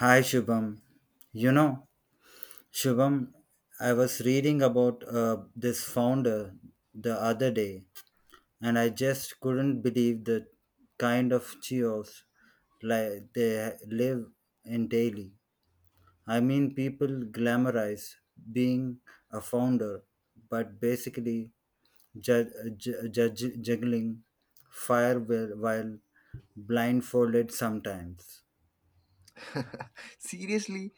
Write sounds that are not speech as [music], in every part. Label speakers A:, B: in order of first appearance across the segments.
A: Hi Shubham. You know, Shubham, I was reading about this founder the other day, and I just couldn't believe the kind of chaos like they live in daily. I mean, people glamorize being a founder, but basically ju- ju- juggling fire while blindfolded sometimes.
B: Seriously,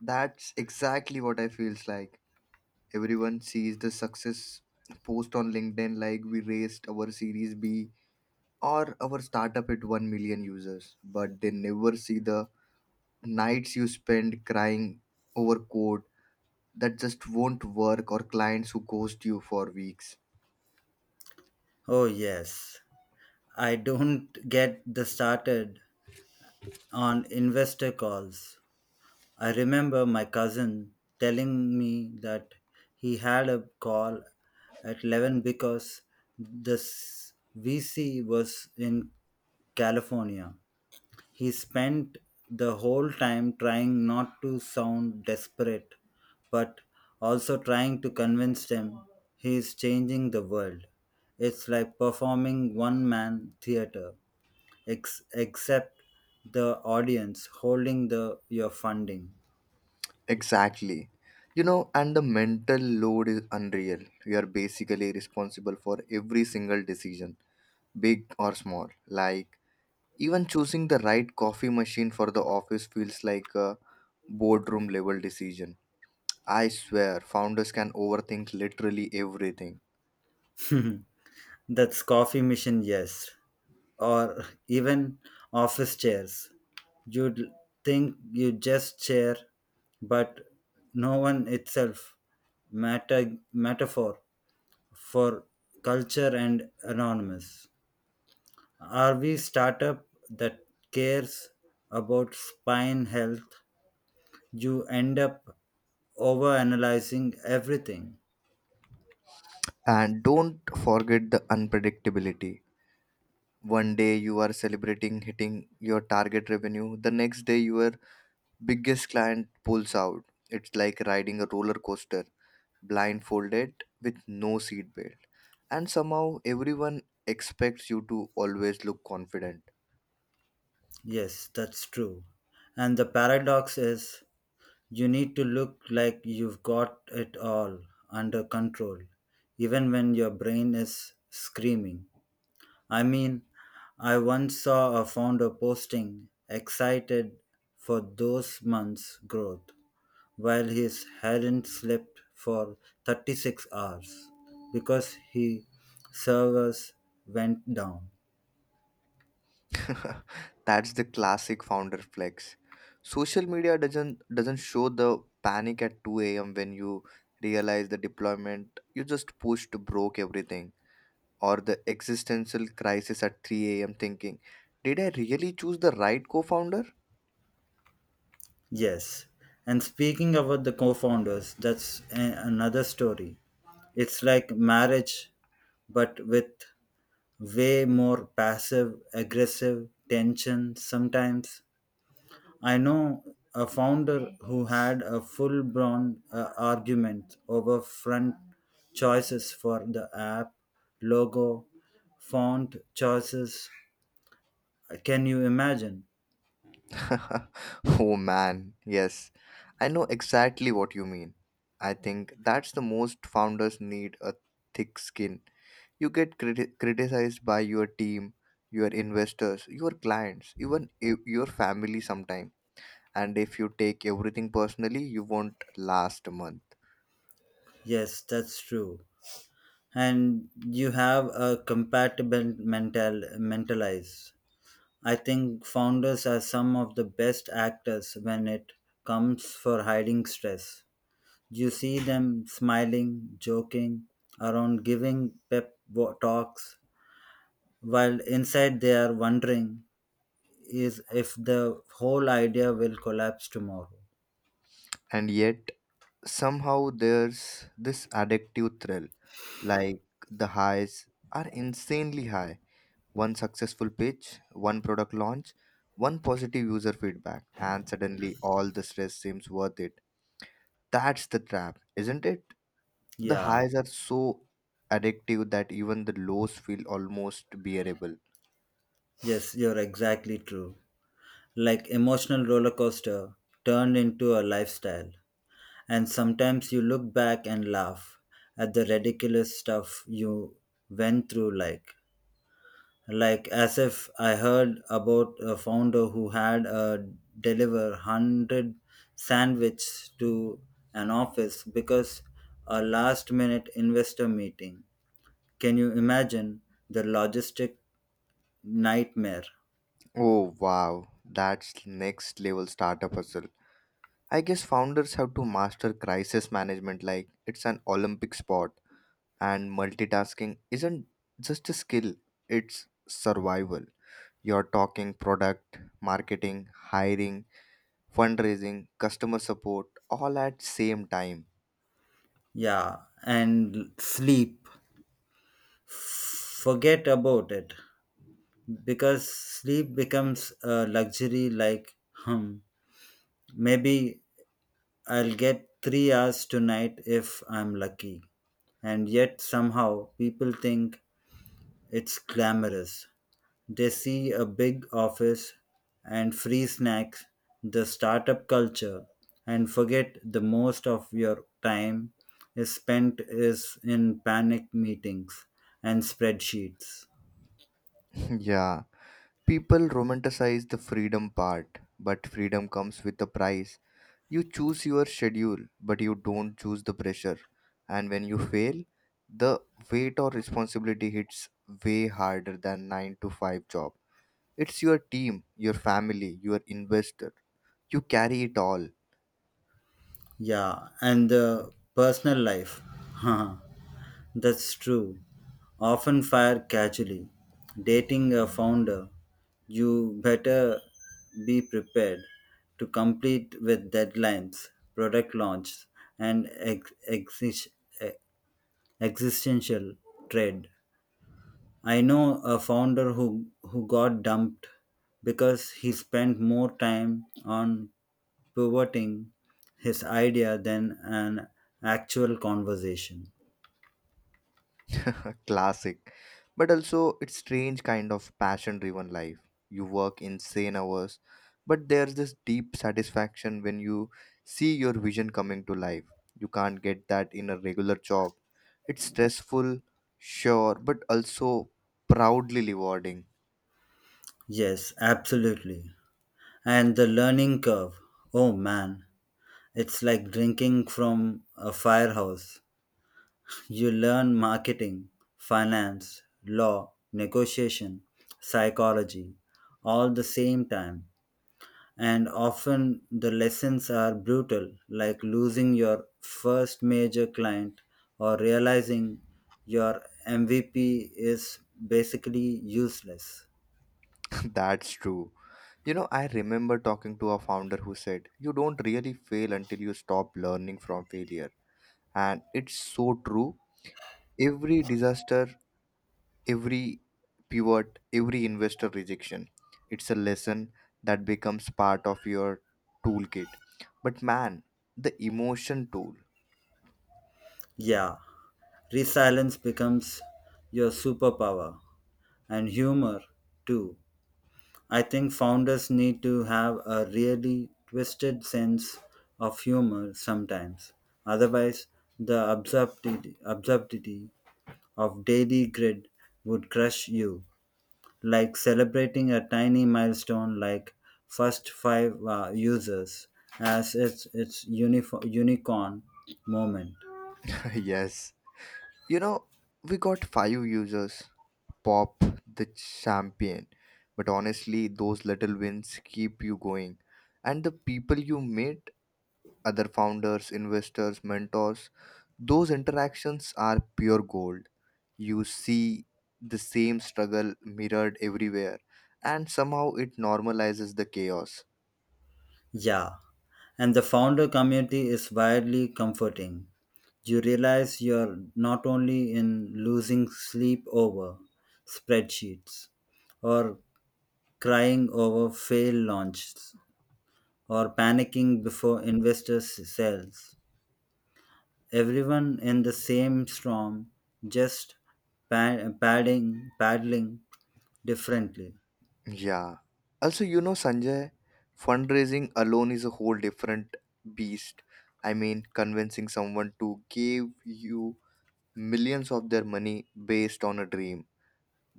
B: that's exactly what I feels like. Everyone sees the success post on LinkedIn like we raised our Series B or our startup at 1 million users, but they never see the nights you spend crying over code that just won't work or clients who ghost you for weeks.
A: Oh yes, I don't get the started on investor calls. I remember my cousin telling me that he had a call at 11 because the VC was in California. He spent the whole time trying not to sound desperate, but also trying to convince them he is changing the world. It's like performing one man theater except the audience holding the your funding.
B: Exactly. And the mental load is unreal. You are basically responsible for every single decision, big or small. Like, even choosing the right coffee machine for the office feels like a boardroom level decision. I swear, founders can overthink literally everything.
A: That's coffee machine, yes, or even office chairs. You'd think you just chair, but no one itself metaphor for culture and anonymous. Are we startup that cares about spine health? You end up overanalyzing everything.
B: And don't forget the unpredictability. One day you are celebrating hitting your target revenue, the next day your biggest client pulls out. It's like riding a roller coaster, blindfolded with no seat belt. And somehow everyone expects you to always look confident.
A: Yes, that's true. And the paradox is you need to look like you've got it all under control, even when your brain is screaming. I mean, I once saw a founder posting excited for those months' growth while his hadn't slept for 36 hours because his servers went down.
B: [laughs] That's the classic founder flex. Social media doesn't show the panic at 2 a.m. when you realize the deployment You just pushed broke everything, or the existential crisis at 3 a.m. thinking, did I really choose the right co-founder?
A: Yes. And speaking about the co founders, that's another story. It's like marriage, but with way more passive, aggressive tension sometimes. I know a founder who had a full blown argument over front choices for the app, logo, font choices. Can you imagine?
B: [laughs] Oh man, yes, I know exactly what you mean. I think that's the most founders need a thick skin. You get criticized by your team, your investors, your clients, even your family sometimes. And if you take everything personally, you won't last a month.
A: Yes, that's true. And you have a compatible mental mentalize. I think founders are some of the best actors when it comes for hiding stress. You see them smiling, joking around, giving pep talks while inside they are wondering is if the whole idea will collapse tomorrow.
B: And yet, somehow, there's this addictive thrill. Like, the highs are insanely high. One successful pitch, one product launch, one positive user feedback, and suddenly all the stress seems worth it. That's the trap, isn't it? The
A: Yeah.
B: highs are so addictive that even the lows feel almost bearable.
A: Yes, you're exactly true. Like emotional roller coaster turned into a lifestyle. And sometimes you look back and laugh at the ridiculous stuff you went through, like as if I heard about a founder who had deliver 100 sandwiches to an office because a last minute investor meeting. Can you imagine the logistic nightmare?
B: Oh wow, that's next level startup hustle. I guess founders have to master crisis management like it's an Olympic sport, and multitasking isn't just a skill, it's survival. You're talking product, marketing, hiring, fundraising, customer support all at same time.
A: Yeah, and sleep. Forget about it. Because sleep becomes a luxury. Like, hmm, maybe I'll get 3 hours tonight if I'm lucky. And yet somehow people think it's glamorous. They see a big office and free snacks, the startup culture, and forget the most of your time is spent is in panic meetings and spreadsheets.
B: [laughs] Yeah, people romanticize the freedom part, but freedom comes with a price. You choose your schedule, but you don't choose the pressure. And when you fail, the weight or responsibility hits way harder than 9 to 5 job. It's your team, your family, your investor. You carry it all.
A: Yeah, and the personal life. [laughs] That's true. Often fire casually. Dating a founder, you better be prepared to complete with deadlines, product launch, and e- existential dread. I know a founder who got dumped because he spent more time on pivoting his idea than an actual conversation.
B: [laughs] Classic. But also, it's strange kind of passion driven life. You work insane hours, but there's this deep satisfaction when you see your vision coming to life. You can't get that in a regular job. It's stressful, sure, but also proudly rewarding.
A: Yes, absolutely. And the learning curve. Oh man, it's like drinking from a firehouse. You learn marketing, finance, law, negotiation, psychology all the same time. And often the lessons are brutal, like losing your first major client or realizing your MVP is basically useless.
B: [laughs] That's true. I remember talking to a founder who said, "You don't really fail until you stop learning from failure." And it's so true. Every disaster, every pivot, every investor rejection. It's a lesson that becomes part of your toolkit. But man, the emotion tool.
A: Yeah, resilience becomes your superpower, and humor too. I think founders need to have a really twisted sense of humor sometimes. Otherwise, the absurdity of daily grid would crush you, like celebrating a tiny milestone like first five users as it's its unicorn moment.
B: [laughs] Yes. You know, we got five users, pop the champion. But honestly, those little wins keep you going. And the people you meet, other founders, investors, mentors. Those interactions are pure gold. You see the same struggle mirrored everywhere, and somehow it normalizes the chaos.
A: Yeah, and the founder community is wildly comforting. You realize you're not only in losing sleep over spreadsheets or crying over failed launches or panicking before investors sells. Everyone in the same storm, just paddling differently.
B: Yeah. Also, Sanjay, fundraising alone is a whole different beast. I mean, convincing someone to give you millions of their money based on a dream.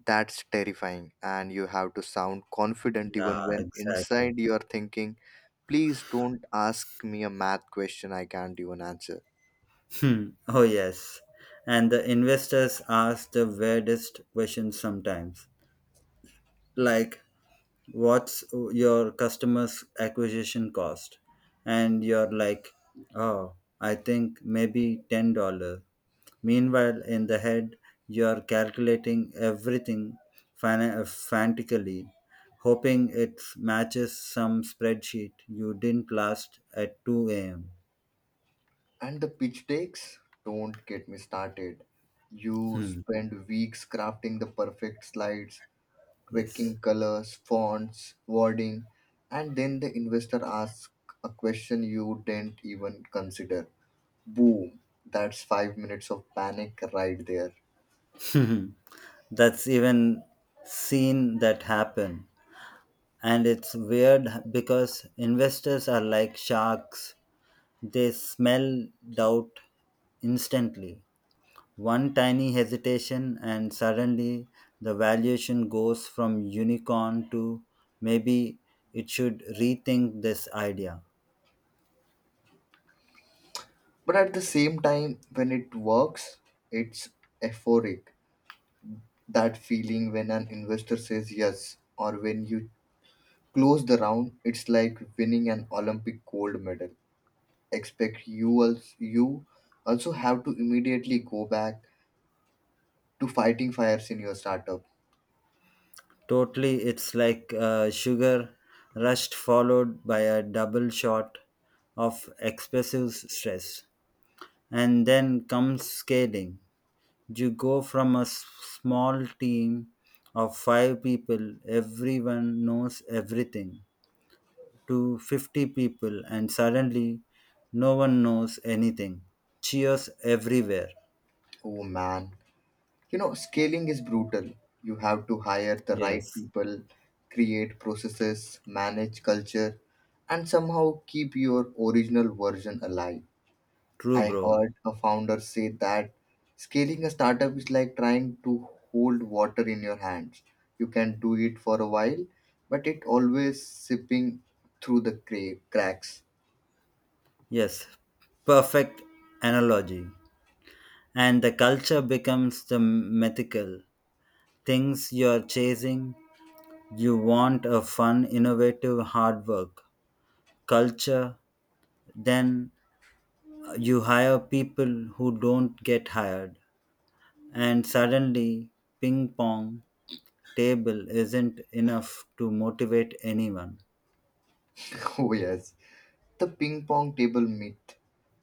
B: That's terrifying, and you have to sound confident
A: Yeah,
B: even when
A: exactly.
B: inside you are thinking, please don't ask me a math question I can't even answer.
A: Hmm. Oh, yes. And the investors ask the weirdest questions sometimes, like, what's your customer's acquisition cost? And you're like, oh, I think maybe $10. Meanwhile, in the head, you're calculating everything frantically, hoping it matches some spreadsheet you didn't last at 2 a.m.
B: And the pitch takes? Don't get me started. You
A: Hmm.
B: spend weeks crafting the perfect slides,
A: Yes.
B: tweaking colors, fonts, wording, and then the investor asks a question you didn't even consider. Boom, that's 5 minutes of panic right there.
A: [laughs] That's even seen that happen. And it's weird because investors are like sharks. They smell doubt instantly. One tiny hesitation and suddenly the valuation goes from unicorn to maybe it should rethink this idea.
B: But at the same time, when it works, it's euphoric. That feeling when an investor says yes, or when you close the round, it's like winning an Olympic gold medal. Expect you you also have to immediately go back to fighting fires in your startup.
A: Totally. It's like sugar rushed followed by a double shot of expressive stress. And then comes scaling. You go from a small team of five people, everyone knows everything, to 50 people, and suddenly no one knows anything. Cheers everywhere.
B: Oh man, you know scaling is brutal. You have to hire the right
A: Yes,
B: people, create processes, manage culture, and somehow keep your original version alive.
A: true,
B: I
A: bro.
B: heard a founder say that scaling a startup is like trying to hold water in your hands. You can do it for a while, but it always sipping through the cracks.
A: Yes, perfect analogy. And the culture becomes the mythical things you're chasing. You want a fun, innovative, hard work culture, then you hire people who don't get hired, and suddenly ping pong table isn't enough to motivate anyone.
B: [laughs] Oh yes, the ping pong table myth,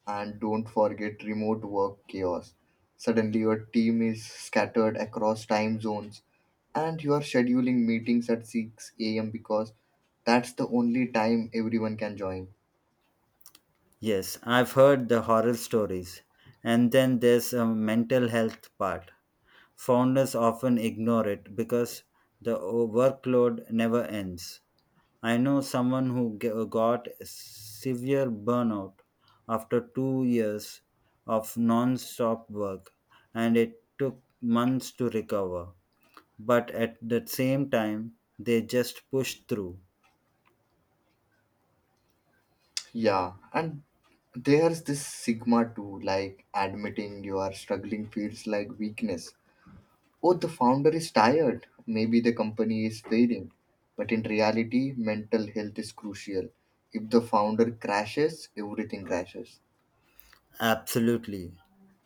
B: and don't forget remote work chaos. Suddenly, your team is scattered across time zones, and you are scheduling meetings at 6 a.m. because that's the only time everyone can join.
A: Yes, I've heard the horror stories. And then there's a mental health part. Founders often ignore it because the workload never ends. I know someone who got severe burnout after 2 years of non stop work, and it took months to recover. But at the same time, they just pushed through.
B: Yeah, and there's this stigma too, like admitting you are struggling feels like weakness. Oh, the founder is tired. Maybe the company is failing. But in reality, mental health is crucial. If the founder crashes, everything crashes.
A: Absolutely.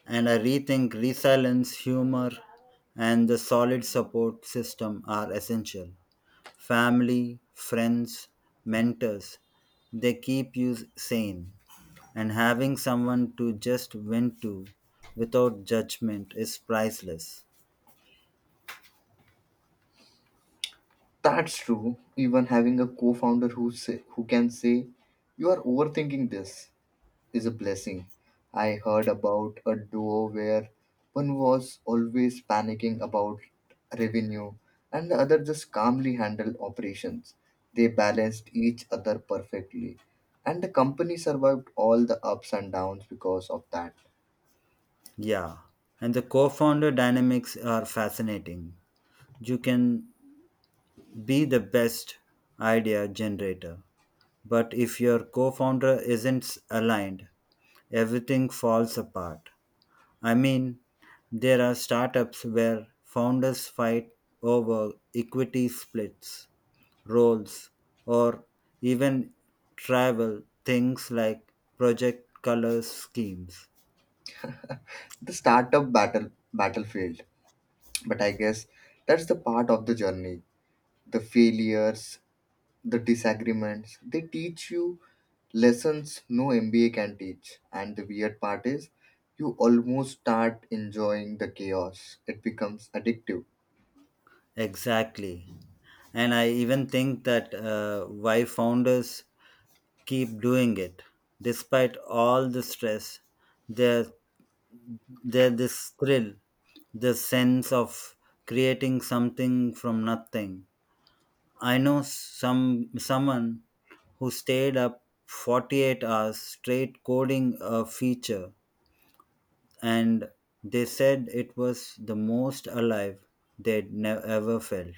A: And I rethink resilience, humor, and the solid support system are essential. Family, friends, mentors. They keep you sane. And having someone to just vent to without judgment is priceless.
B: That's true. Even having a co-founder who can say, "You are overthinking this," is a blessing. I heard about a duo where one was always panicking about revenue and the other just calmly handled operations. They balanced each other perfectly, and the company survived all the ups and downs because of that.
A: Yeah. And the co founder dynamics are fascinating. You can be the best idea generator, but if your co founder isn't aligned, everything falls apart. I mean, there are startups where founders fight over equity splits, roles, or even travel things like project colors schemes.
B: The startup battlefield, but I guess that's the part of the journey. The failures, the disagreements. They teach you lessons no MBA can teach. And the weird part is, you almost start enjoying the chaos. It becomes addictive,
A: Exactly. And I even think that why founders keep doing it, despite all the stress, there there this thrill, this sense of creating something from nothing. I know someone who stayed up 48 hours straight coding a feature, and they said it was the most alive they'd never ever felt.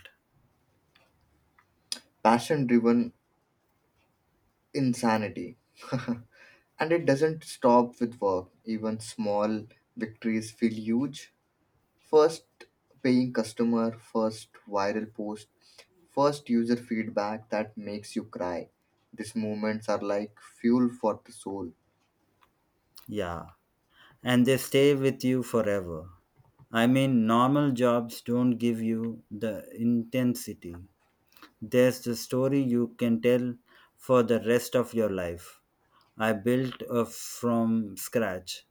B: passion driven insanity. [laughs] And it doesn't stop with work. Even small victories feel huge. First paying customer, first viral post, first user feedback that makes you cry. These moments are like fuel for the soul.
A: Yeah. And they stay with you forever. I mean, normal jobs don't give you the intensity. There's the story you can tell for the rest of your life. I built a from scratch.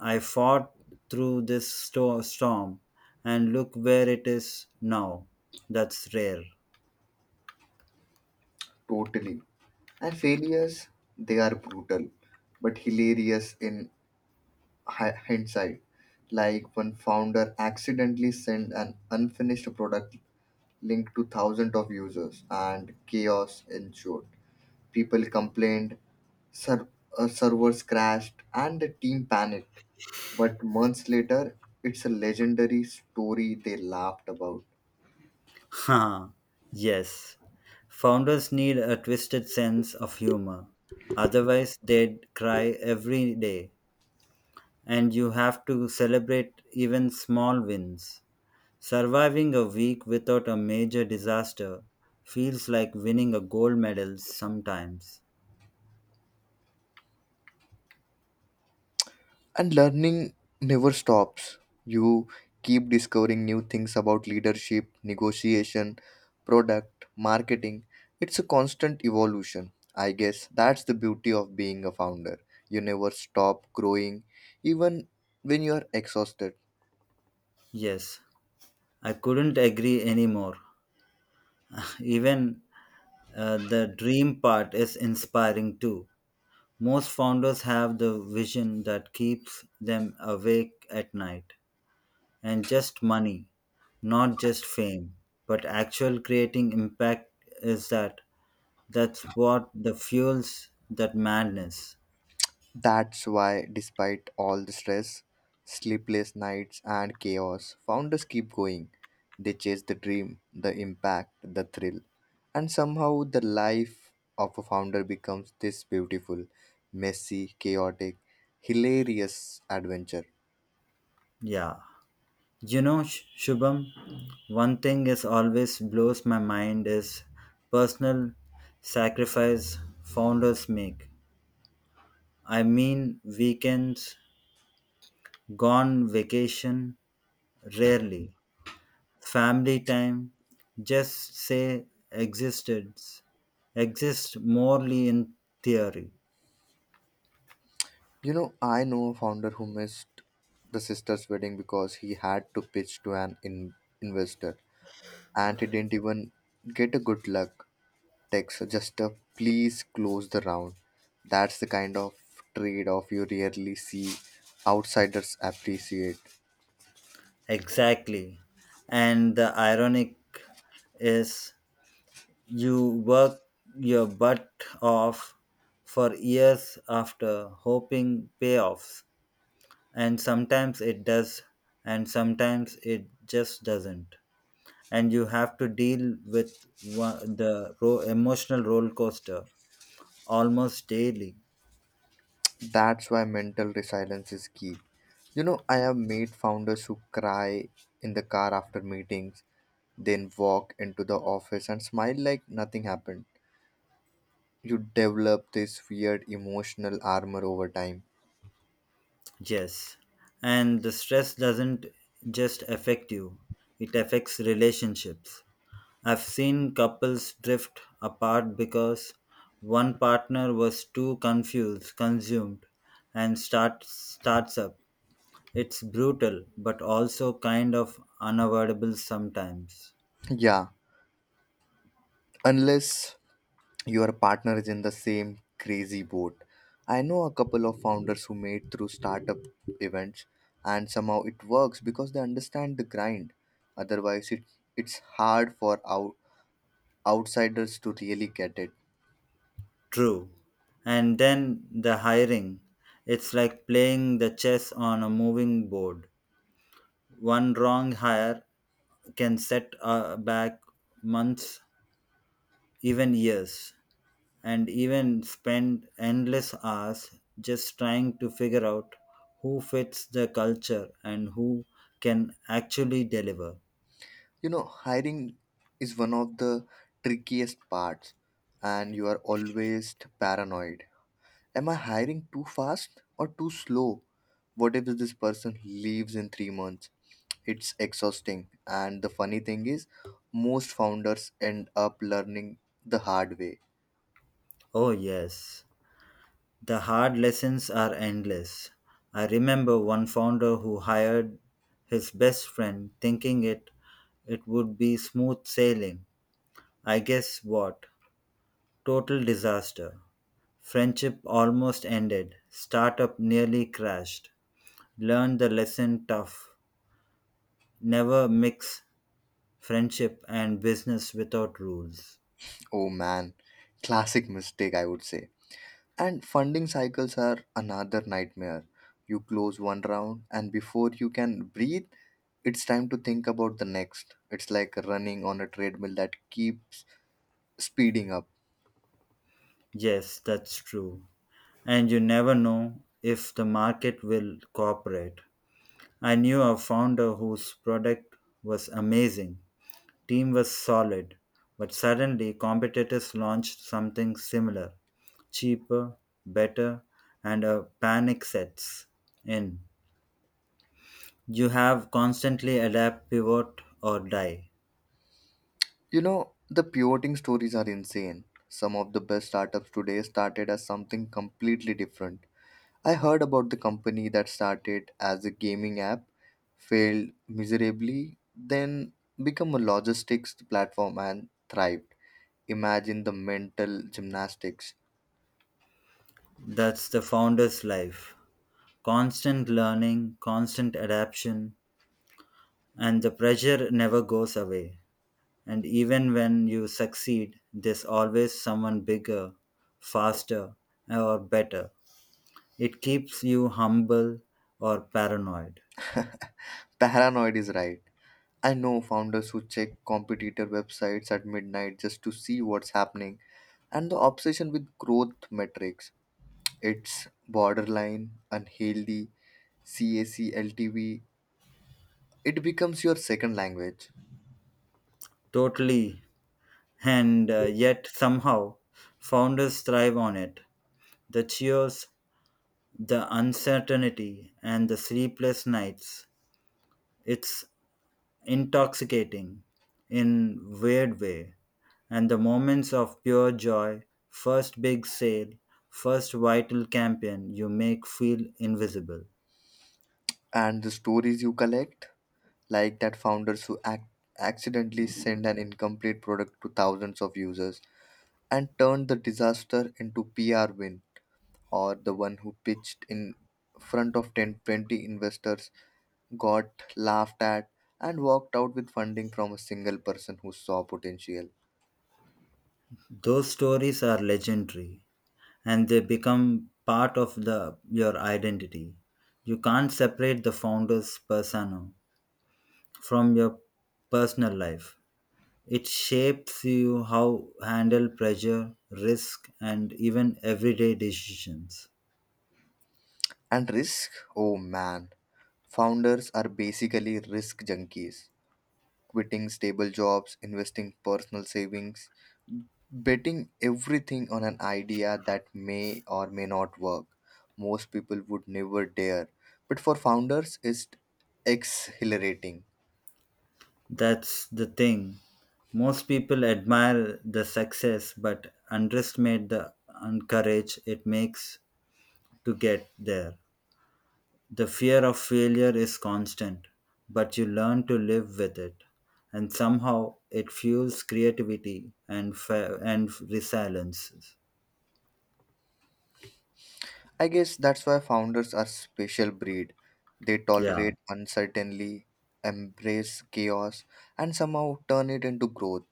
A: I fought through this storm, and look where it is now. That's rare.
B: Totally. And failures, they are brutal, but hilarious in hindsight. Like when founder accidentally sent an unfinished product link to thousands of users, and chaos ensued. People complained, ser- servers crashed, and the team panicked. But months later, it's a legendary story they laughed about.
A: Ha! Yes. Founders need a twisted sense of humor. Otherwise, they'd cry every day. And you have to celebrate even small wins. Surviving a week without a major disaster feels like winning a gold medal sometimes.
B: And learning never stops. You keep discovering new things about leadership, negotiation, product, marketing. It's a constant evolution. I guess that's the beauty of being a founder. You never stop growing, even when you are exhausted.
A: Yes, I couldn't agree anymore. [laughs] Even the dream part is inspiring too. Most founders have the vision that keeps them awake at night. And just money, not just fame, but actual creating impact is that that's what the fuels that madness.
B: That's why, despite all the stress, sleepless nights, and chaos, founders keep going. They chase the dream, the impact, the thrill. And somehow, the life of a founder becomes this beautiful, messy, chaotic, hilarious adventure.
A: Yeah. You know, Shubham, one thing is always blows my mind is personal sacrifice founders make. I mean, weekends. Gone vacation? Rarely. Family time? Just say existence. Exists morely in theory.
B: I know a founder who missed the sister's wedding because he had to pitch to an investor, and he didn't even get a good luck text, so just a "please close the round." That's the kind of trade off you rarely see outsiders appreciate.
A: Exactly. And the ironic is you work your butt off for years after hoping payoffs. And sometimes it does, and sometimes it just doesn't. And you have to deal with one, the emotional roller coaster almost daily.
B: That's why mental resilience is key. I have made founders who cry in the car after meetings, then walk into the office and smile like nothing happened. You develop this weird emotional armor over time.
A: Yes. And the stress doesn't just affect you, it affects relationships. I've seen couples drift apart because one partner was too consumed, and starts up. It's brutal, but also kind of unavoidable sometimes.
B: Yeah, unless your partner is in the same crazy boat. I know a couple of founders who made through startup events and somehow it works because they understand the grind. Otherwise it's hard for outsiders to really get it.
A: True. And then the hiring. It's like playing the chess on a moving board. One wrong hire can set back months, even years, and even spend endless hours just trying to figure out who fits the culture and who can actually deliver.
B: Hiring is one of the trickiest parts and you are always paranoid. Am I hiring too fast or too slow? What if this person leaves in 3 months? It's exhausting. And the funny thing is, most founders end up learning the hard way.
A: Oh, yes. The hard lessons are endless. I remember one founder who hired his best friend thinking it would be smooth sailing. I guess what? Total disaster. Friendship almost ended. Startup nearly crashed. Learned the lesson tough. Never mix friendship and business without rules.
B: Oh man, classic mistake, I would say. And funding cycles are another nightmare. You close one round, and before you can breathe, it's time to think about the next. It's like running on a treadmill that keeps speeding up.
A: Yes, that's true. And you never know if the market will cooperate. I knew a founder whose product was amazing, team was solid, but suddenly competitors launched something similar, cheaper, better, and a panic sets in. You have constantly adapt, pivot, or die.
B: The pivoting stories are insane. Some of the best startups today started as something completely different. I heard about the company that started as a gaming app, failed miserably, then became a logistics platform and thrived. Imagine the mental gymnastics.
A: That's the founder's life. Constant learning, constant adaptation, and the pressure never goes away. And even when you succeed, there's always someone bigger, faster, or better. It keeps you humble or paranoid.
B: Paranoid is right. I know founders who check competitor websites at midnight just to see what's happening, and the obsession with growth metrics, it's borderline unhealthy. CAC, LTV. It becomes your second language.
A: Totally. And yet, somehow, founders thrive on it. The cheers, the uncertainty, and the sleepless nights. It's intoxicating in weird way. And the moments of pure joy, first big sale, first vital campaign you make feel invisible.
B: And the stories you collect, like that founders who accidentally send an incomplete product to thousands of users and turned the disaster into PR win, or the one who pitched in front of 10-20 investors, got laughed at, and walked out with funding from a single person who saw potential.
A: Those stories are legendary, and they become part of the your identity. You can't separate the founder's persona from your personal life. It shapes you how handle pressure risk and even everyday decisions.
B: And risk? Oh man. Founders are basically risk junkies, quitting stable jobs, investing personal savings, betting everything on an idea that may or may not work. Most people would never dare, but for founders, it's exhilarating.
A: That's the thing. Most people admire the success but underestimate the courage it makes to get there. The fear of failure is constant, but you learn to live with it, and somehow it fuels creativity and resilience.
B: I guess that's why founders are special breed. They
A: Yeah,
B: tolerate uncertainty, embrace chaos, and somehow turn it into growth.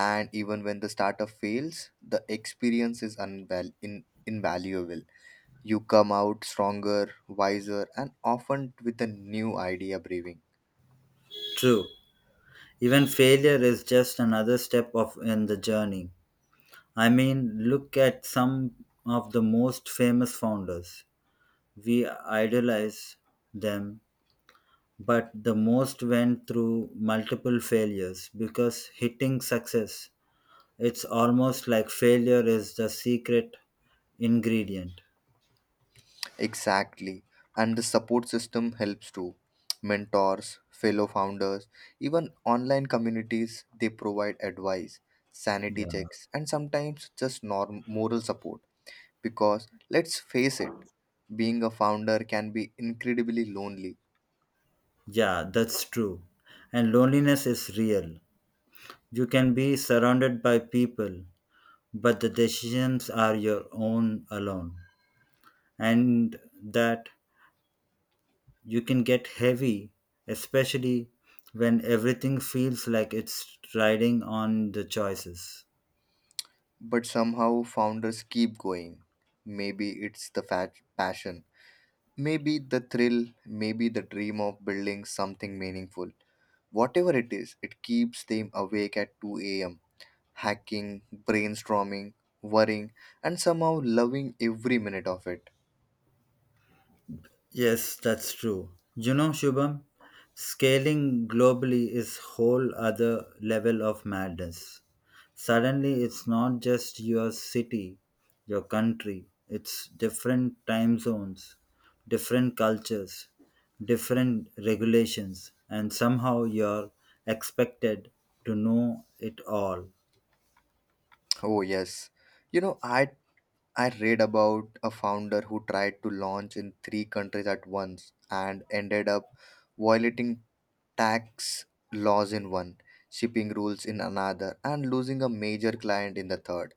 B: And even when the startup fails, the experience is invaluable. You come out stronger, wiser, and often with a new idea brewing.
A: true. Even failure is just another step of in the journey. I mean, look at some of the most famous founders. We idolize them, but the most went through multiple failures because hitting success, it's almost like failure is the secret ingredient.
B: Exactly. And the support system helps too, mentors, fellow founders, even online communities. They provide advice, sanity
A: Yeah.
B: checks, and sometimes just moral support, because let's face it, being a founder can be incredibly lonely.
A: Yeah, that's true. And loneliness is real. You can be surrounded by people, but the decisions are your own alone. And that you can get heavy, especially when everything feels like it's riding on the choices.
B: But somehow founders keep going. Maybe it's the fat passion, maybe the thrill, maybe the dream of building something meaningful. Whatever it is, it keeps them awake at 2 a.m., hacking, brainstorming, worrying, and somehow loving every minute of it.
A: Yes, that's true. You know, Shubham, scaling globally is whole other level of madness. Suddenly it's not just your city, your country, it's different time zones, different cultures, different regulations, and somehow you're expected to know it all.
B: Oh yes. You know, I I read about a founder who tried to launch in three countries at once and ended up violating tax laws in one, shipping rules in another, and losing a major client in the third.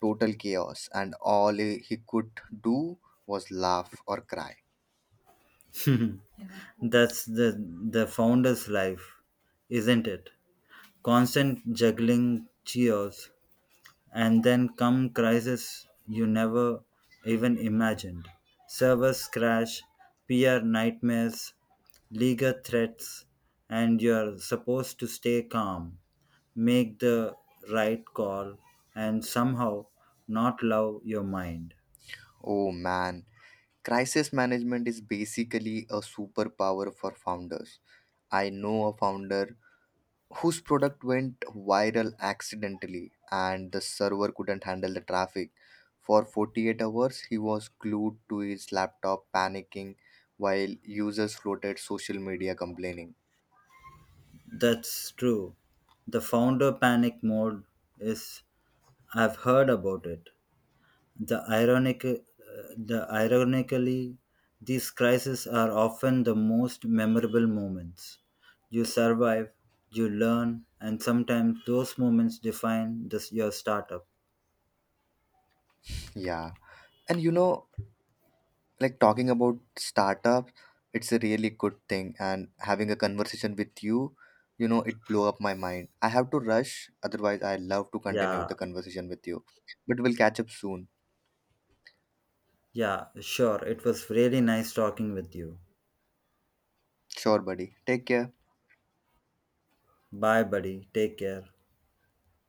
B: Total chaos, and all he could do was laugh or cry.
A: That's the founder's life, isn't it? Constant juggling cheers, and then come crises you never even imagined. Servers crash, PR nightmares, legal threats, and you're supposed to stay calm, make the right call, and somehow not love your mind.
B: Oh man, crisis management is basically a superpower for founders. I know a founder whose product went viral accidentally and the server couldn't handle the traffic. For 48 hours, he was glued to his laptop panicking while users floated social media complaining.
A: That's true. The founder panic mode is I've heard about it. The ironically, these crises are often the most memorable moments. You survive, you learn, and sometimes those moments define your startup.
B: Yeah. And like talking about startups, it's a really good thing. And having a conversation with you, it blew up my mind. I have to rush, otherwise, I love to continue
A: Yeah,
B: the conversation with you. But we'll catch up soon.
A: yeah, sure. It was really nice talking with you.
B: Sure, buddy. Take care.
A: Bye, buddy. Take care.